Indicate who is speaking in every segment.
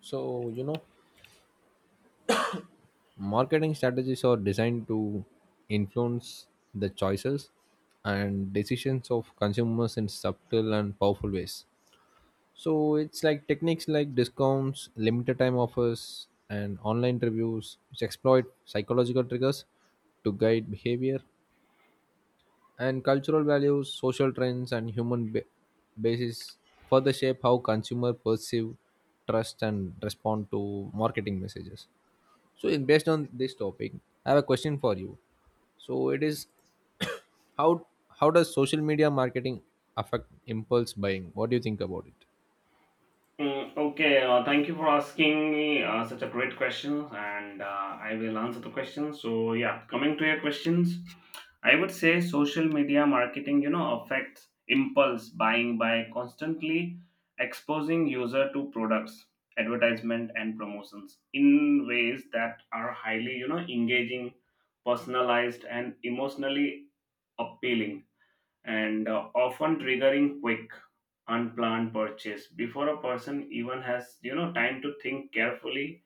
Speaker 1: So, you know, marketing strategies are designed to influence the choices and decisions of consumers in subtle and powerful ways. It's like techniques like discounts, limited time offers, and online reviews, which exploit psychological triggers to guide behavior, and cultural values, social trends, and basis further shape how consumers perceive, trust, and respond to marketing messages. So, in Based on this topic, I have a question for you. So, it is how how does social media marketing affect impulse buying? What do you think about it?
Speaker 2: Okay, thank you for asking me such a great question, and I will answer the question. So, yeah, coming to your questions, I would say social media marketing, you know, affects impulse buying by constantly exposing user to products, advertisement, and promotions in ways that are highly, you know, engaging, personalized, and emotionally appealing and often triggering quick unplanned purchase before a person even has you know time to think carefully.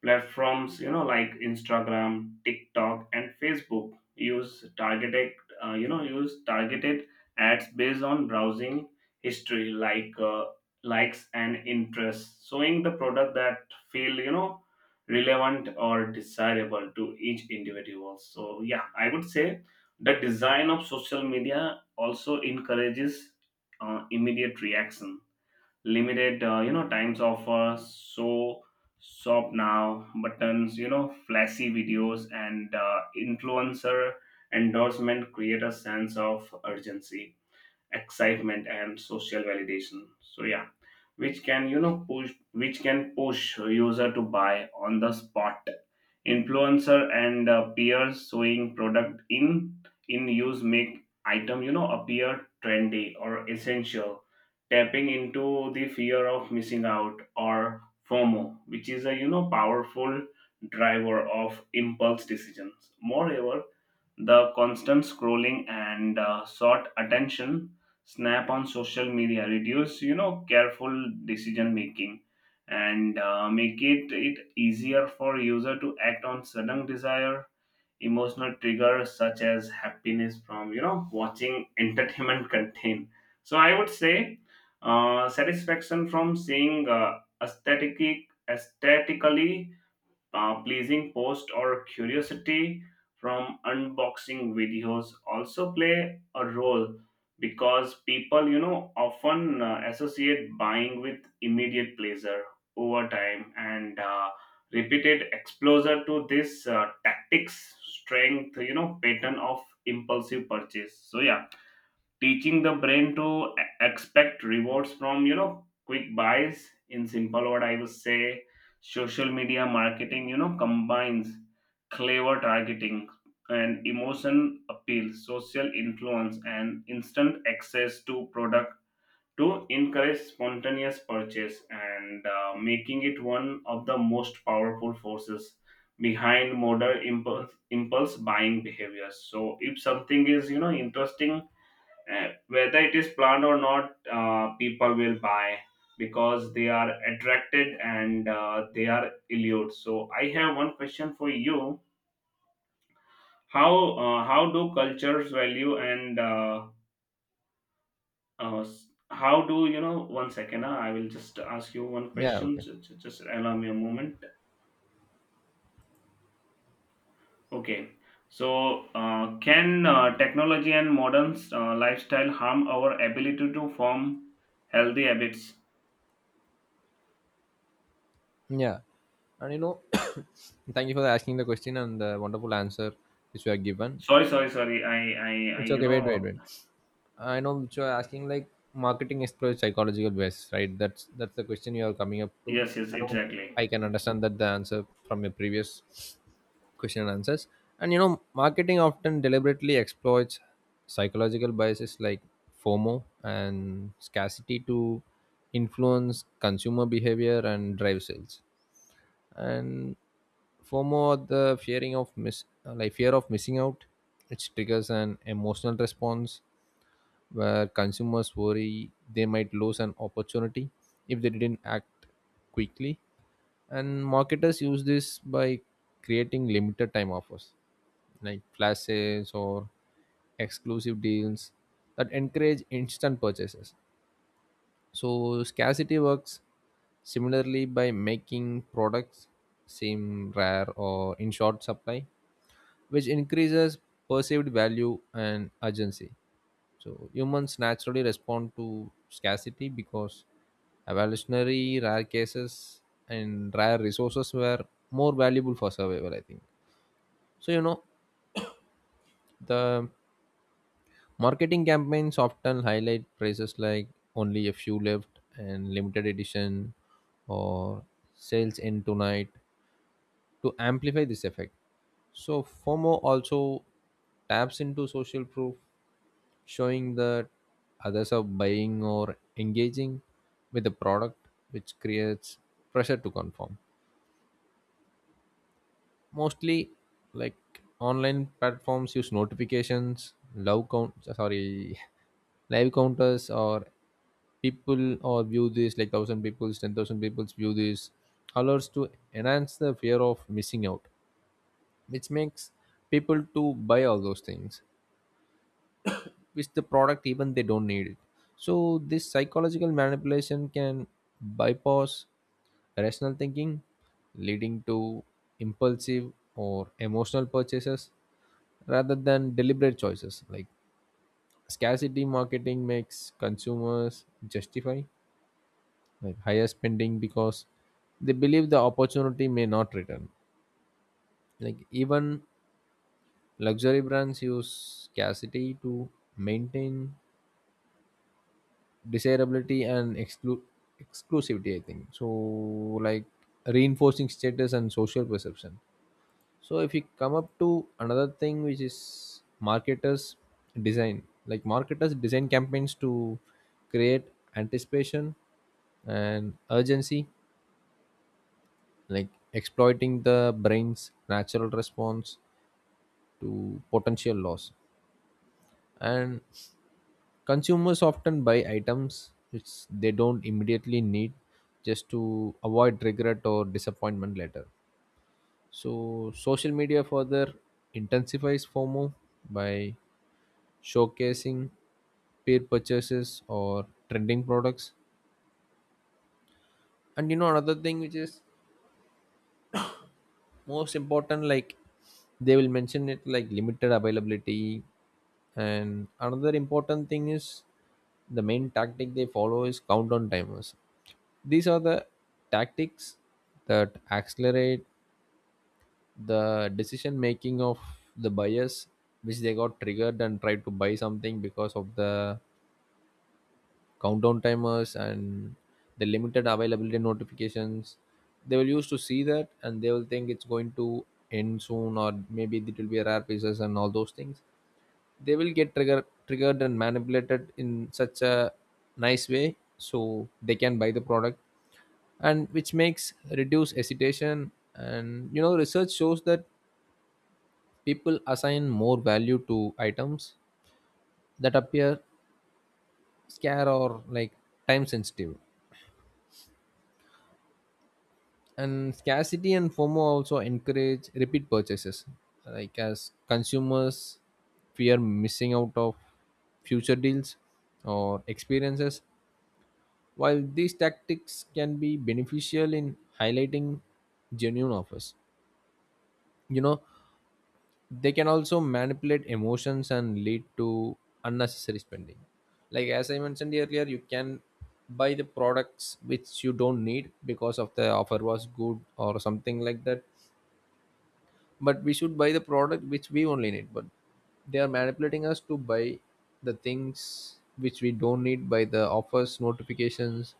Speaker 2: Platforms, you know, like Instagram, TikTok, and Facebook use use targeted ads based on browsing history, like likes and interests, showing the product that feel, you know, relevant or desirable to each individual. So yeah, I would say the design of social media also encourages immediate reaction, limited you know times offer, so shop now buttons, you know, flashy videos, and influencer endorsement create a sense of urgency, excitement, and social validation, so yeah, which can push user to buy on the spot. Influencer and peers showing product in use make item you know appear trendy or essential, tapping into the fear of missing out, or FOMO, which is a you know powerful driver of impulse decisions. Moreover, the constant scrolling and short attention snap on social media reduce, you know, careful decision making, and make it easier for user to act on sudden desire. Emotional triggers such as happiness from, you know, watching entertainment content. So I would say satisfaction from seeing aesthetic, aesthetically pleasing posts, or curiosity from unboxing videos, also play a role, because people you know often associate buying with immediate pleasure. Over time, and repeated exposure to this tactics strength you know pattern of impulsive purchase, so yeah, teaching the brain to expect rewards from you know quick buys. In simple, what I would say, social media marketing you know combines clever targeting and emotion appeal, social influence, and instant access to product to encourage spontaneous purchase, and making it one of the most powerful forces behind modern impulse buying behaviors. So if something is you know interesting, and whether it is planned or not, people will buy because they are attracted and they are allured. So I have one question for you. how how do cultures value how do you know one second I will just ask you one
Speaker 1: Yeah.
Speaker 2: question,
Speaker 1: Okay.
Speaker 2: just allow me a moment. Okay, so can technology and modern lifestyle harm our ability to form healthy habits?
Speaker 1: Yeah. And you know, thank you for asking the question and the wonderful answer which you have given.
Speaker 2: Sorry, sorry, sorry. I, I, I,
Speaker 1: It's
Speaker 2: you
Speaker 1: okay. Wait. Wait.
Speaker 2: know,
Speaker 1: Wait. I know which you are asking, like marketing explores psychological bias, right? That's the question you are coming up to.
Speaker 2: yes, yes,
Speaker 1: I know
Speaker 2: exactly.
Speaker 1: I can understand that the answer from your previous question and answers. And you know, marketing often deliberately exploits psychological biases like FOMO and scarcity to influence consumer behavior and drive sales. And FOMO, or the fear of missing out, which triggers an emotional response where consumers worry they might lose an opportunity if they didn't act quickly. And marketers use this by creating limited time offers like flash sales or exclusive deals that encourage instant purchases. So, scarcity works similarly by making products seem rare or in short supply, which increases perceived value and urgency. So humans naturally respond to scarcity because evolutionary rare cases and rare resources were more valuable for survival, I think. So you know, the marketing campaigns often highlight prices like only a few left and limited edition or sales end tonight to amplify this effect. So FOMO also taps into social proof, showing that others are buying or engaging with the product, which creates pressure to conform. Mostly, like online platforms use notifications, love count, sorry, live counters, or people or view this, like thousand people, 10,000 people view this, allows to enhance the fear of missing out, which makes people to buy all those things with the product even they don't need it. So this psychological manipulation can bypass rational thinking, leading to impulsive or emotional purchases rather than deliberate choices. Like scarcity marketing makes consumers justify like higher spending because they believe the opportunity may not return. Like even luxury brands use scarcity to maintain desirability and exclusivity, I think. So like reinforcing status and social perception. So if you come up to another thing, which is marketers design, like marketers design campaigns to create anticipation and urgency, like exploiting the brain's natural response to potential loss. And consumers often buy items which they don't immediately need just to avoid regret or disappointment later. So, social media further intensifies FOMO by showcasing peer purchases or trending products. And you know, another thing which is most important, like they will mention it like limited availability. And another important thing is the main tactic they follow is countdown timers. These are the tactics that accelerate the decision making of the buyers, which they got triggered and tried to buy something because of the countdown timers and the limited availability notifications. They will used to see that and they will think it's going to end soon, or maybe it will be a rare pieces and all those things. They will get triggered and manipulated in such a nice way so they can buy the product, and which makes reduce hesitation. And you know, research shows that people assign more value to items that appear scare or like time sensitive. And scarcity and FOMO also encourage repeat purchases, like as consumers fear missing out of future deals or experiences. While these tactics can be beneficial in highlighting genuine offers, you know, they can also manipulate emotions and lead to unnecessary spending. Like as I mentioned earlier, you can buy the products which you don't need because of the offer was good or something like that. But we should buy the product which we only need, but they are manipulating us to buy the things which we don't need by the offers, notifications,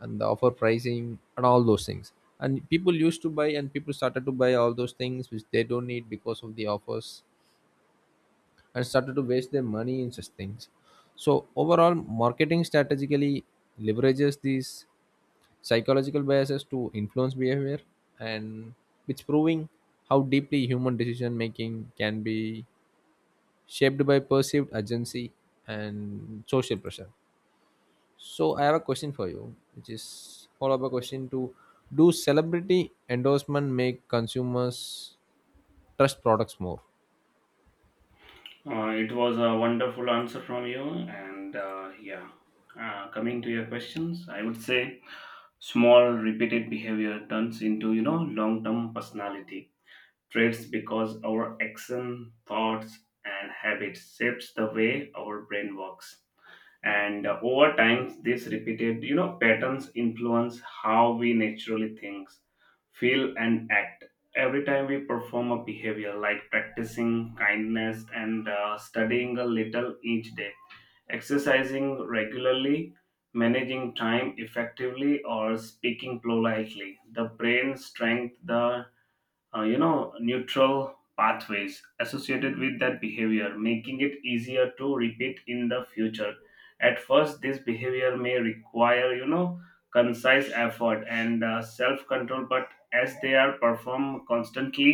Speaker 1: and the offer pricing and all those things. And people used to buy and people started to buy all those things which they don't need because of the offers and started to waste their money in such things. So overall, marketing strategically leverages these psychological biases to influence behavior, and it's proving how deeply human decision making can be shaped by perceived urgency and social pressure. So I have a question for you, which is follow up a question to: do celebrity endorsement make consumers trust products more?
Speaker 2: It was a wonderful answer from you, and yeah. Coming to your questions, I would say small repeated behavior turns into you know long-term personality traits, because our action, thoughts, and habits shapes the way our brain works. And over time these repeated you know patterns influence how we naturally think, feel, and act. Every time we perform a behavior, like practicing kindness and studying a little each day, exercising regularly, managing time effectively, or speaking politely, the brain strength the you know neutral pathways associated with that behavior, making it easier to repeat in the future. At first this behavior may require you know concise effort and self control, but as they are performed constantly,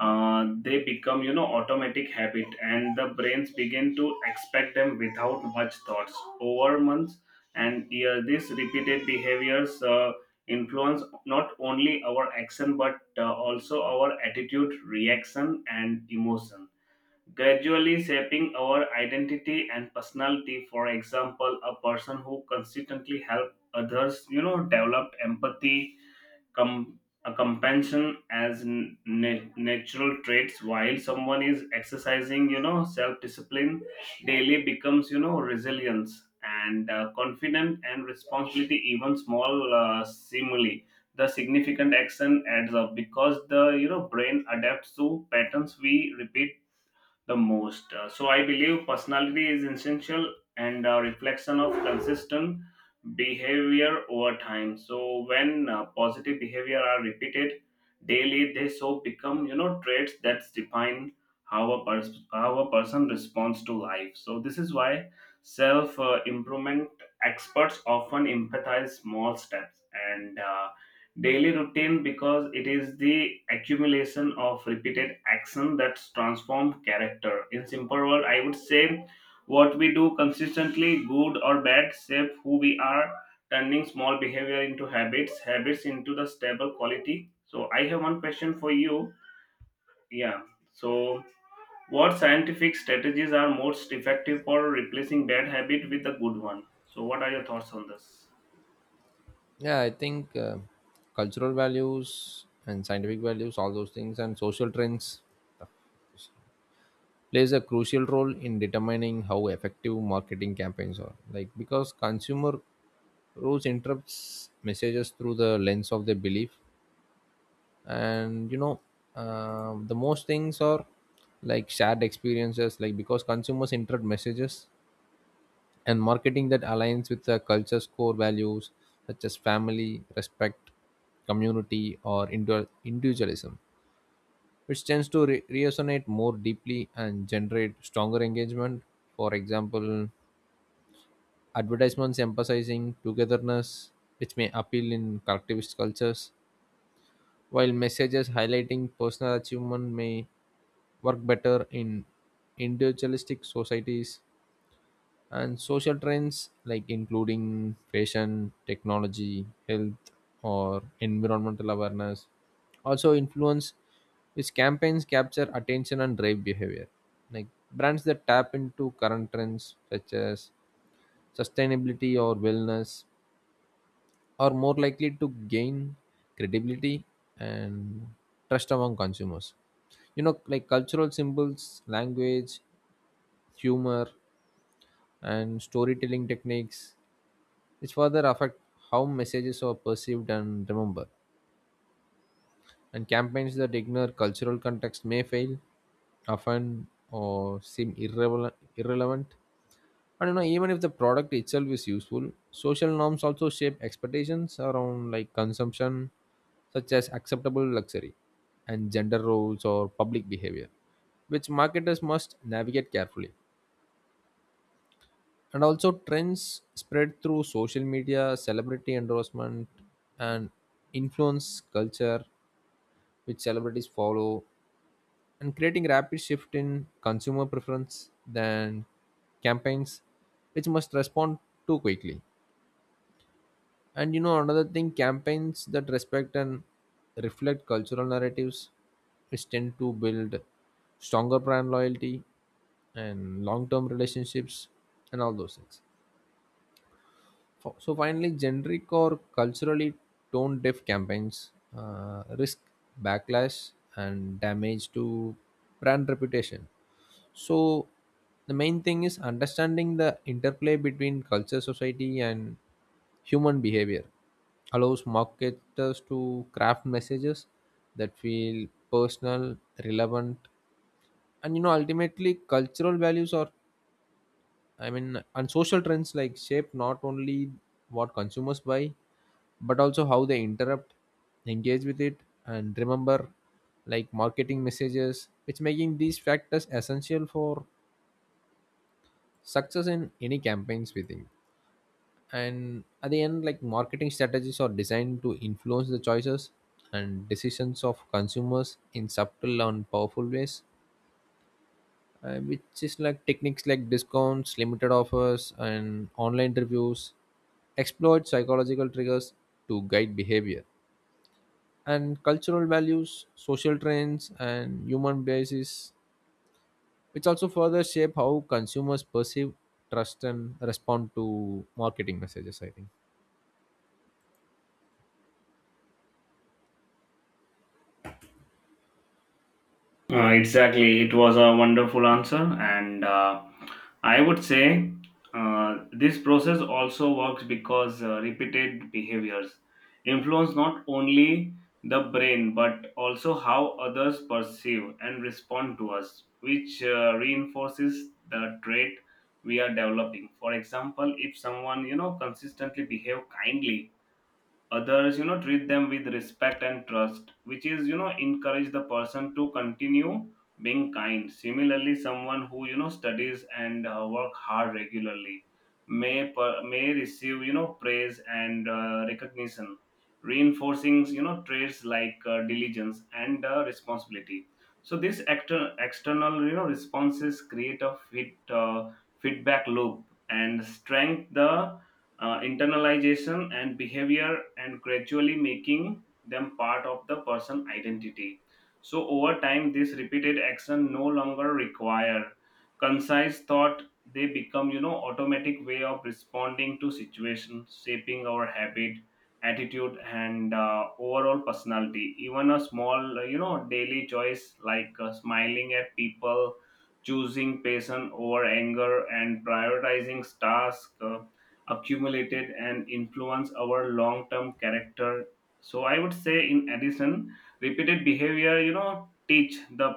Speaker 2: they become you know automatic habit, and the brains begin to expect them without much thoughts. Over months and years, these repeated behaviors influence not only our action, but also our attitude, reaction, and emotion, gradually shaping our identity and personality. For example, a person who consistently help others you know develop empathy, a compassion as natural traits, while someone is exercising you know self discipline daily becomes you know resilience and confident and responsibility. Even small stimuli, the significant action adds up, because the you know brain adapts to patterns we repeat the most. So I believe personality is essential and a reflection of consistent behavior over time. So when positive behavior are repeated daily, they so become you know traits that define how a person responds to life. So this is why self improvement experts often empathize small steps and daily routine, because it is the accumulation of repeated action that transform character. In simple word, I would say what we do consistently, good or bad, shape who we are, turning small behavior into habits, habits into the stable quality. So I have one question for you. Yeah. So what scientific strategies are most effective for replacing bad habit with a good one? So what are your thoughts on this?
Speaker 1: Yeah, I think cultural values and scientific values, all those things, and social trends plays a crucial role in determining how effective marketing campaigns are. Like because consumer rules interprets messages through the lens of their belief, and you know, the most things are like shared experiences. Like because consumers interpret messages and marketing that aligns with the culture's core values such as family, respect, community, or individualism, which tends to resonate more deeply and generate stronger engagement. For example, advertisements emphasizing togetherness, which may appeal in collectivist cultures, while messages highlighting personal achievement may work better in individualistic societies. And social trends like including fashion, technology, health, or environmental awareness also influence which campaigns capture attention and drive behavior. Like brands that tap into current trends such as sustainability or wellness are more likely to gain credibility and trust among consumers. You know, like cultural symbols, language, humor, and storytelling techniques, which further affect how messages are perceived and remembered. And campaigns that ignore cultural context may fail, often, or seem irrelevant. And you know, even if the product itself is useful, social norms also shape expectations around like consumption, such as acceptable luxury and gender roles or public behavior, which marketers must navigate carefully. And also trends spread through social media, celebrity endorsement, and influence culture which celebrities follow, and creating rapid shift in consumer preference than campaigns which must respond too quickly. And you know, another thing, campaigns that respect and reflect cultural narratives, which tend to build stronger brand loyalty and long-term relationships and all those things. So finally, generic or culturally tone deaf campaigns risk backlash and damage to brand reputation. So the main thing is understanding the interplay between culture, society, and human behavior allows marketers to craft messages that feel personal, relevant, and you know ultimately cultural values are, I mean, and social trends like shape not only what consumers buy, but also how they interrupt, engage with it, and remember, like marketing messages, which making these factors essential for success in any campaigns we think. And at the end, like marketing strategies are designed to influence the choices and decisions of consumers in subtle and powerful ways, which is like techniques like discounts, limited offers, and online reviews, exploit psychological triggers to guide behavior, and cultural values, social trends, and human biases, which also further shape how consumers perceive, trust, and respond to marketing messages, I think.
Speaker 2: Exactly. It was a wonderful answer. And I would say this process also works because repeated behaviors influence not only the brain, but also how others perceive and respond to us, which reinforces the trait we are developing. For example, if someone, you know, consistently behave kindly, others you know treat them with respect and trust, which is you know encourage the person to continue being kind. Similarly, someone who you know studies and work hard regularly may receive you know praise and recognition, reinforcing you know traits like diligence and responsibility. So these external you know responses create a fit feedback loop and strengthen the internalization and behavior, and gradually making them part of the person identity. So over time this repeated action no longer require concise thought, they become you know automatic way of responding to situations, shaping our habit, attitude, and overall personality. Even a small you know daily choice like smiling at people, choosing patience over anger, and prioritizing tasks, accumulated and influence our long-term character. So I would say, in addition, repeated behavior you know teach the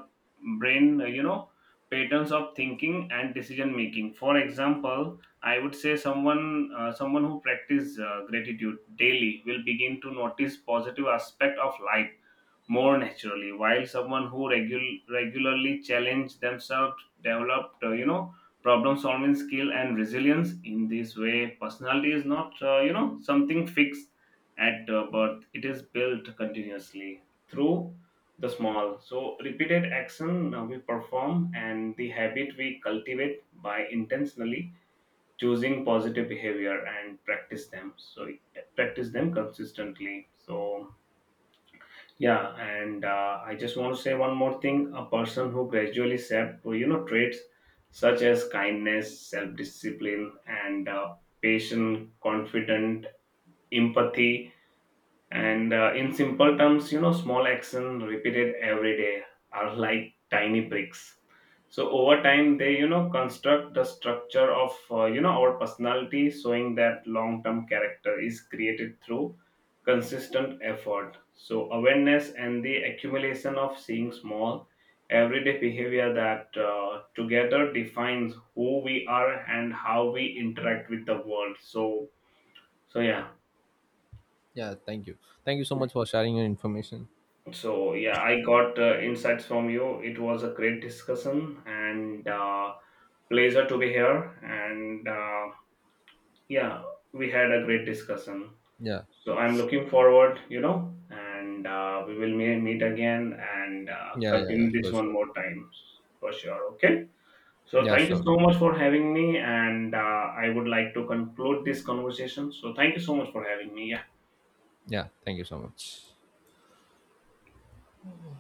Speaker 2: brain you know patterns of thinking and decision making. For example, I would say someone who practice gratitude daily will begin to notice positive aspect of life more naturally, while someone who regularly challenge themselves developed you know problem solving skill and resilience. In this way, personality is not you know something fixed at birth, it is built continuously through the small so repeated action we perform and the habit we cultivate, by intentionally choosing positive behavior and practice them consistently. So yeah, and I just want to say one more thing. A person who gradually shaped, you know, traits such as kindness, self-discipline, and patient, confident, empathy, and in simple terms, you know, small action repeated every day are like tiny bricks. So over time, they you know construct the structure of you know our personality, showing that long-term character is created through consistent effort. So awareness and the accumulation of seeing small everyday behavior that together defines who we are and how we interact with the world. So so yeah.
Speaker 1: Yeah, thank you. Thank you so much for sharing your information.
Speaker 2: So yeah, I got insights from you. It was a great discussion, and pleasure to be here. And yeah, we had a great discussion.
Speaker 1: Yeah,
Speaker 2: So I'm looking forward, you know, and we will meet again, and
Speaker 1: yeah, yeah, yeah.
Speaker 2: continue this
Speaker 1: Sure,
Speaker 2: one
Speaker 1: sure.
Speaker 2: more time for sure. Okay. So
Speaker 1: Yeah,
Speaker 2: thank you
Speaker 1: sure.
Speaker 2: so much for having me, and I would like to conclude this conversation. So thank you so much for having me. Yeah.
Speaker 1: Yeah, thank you so much.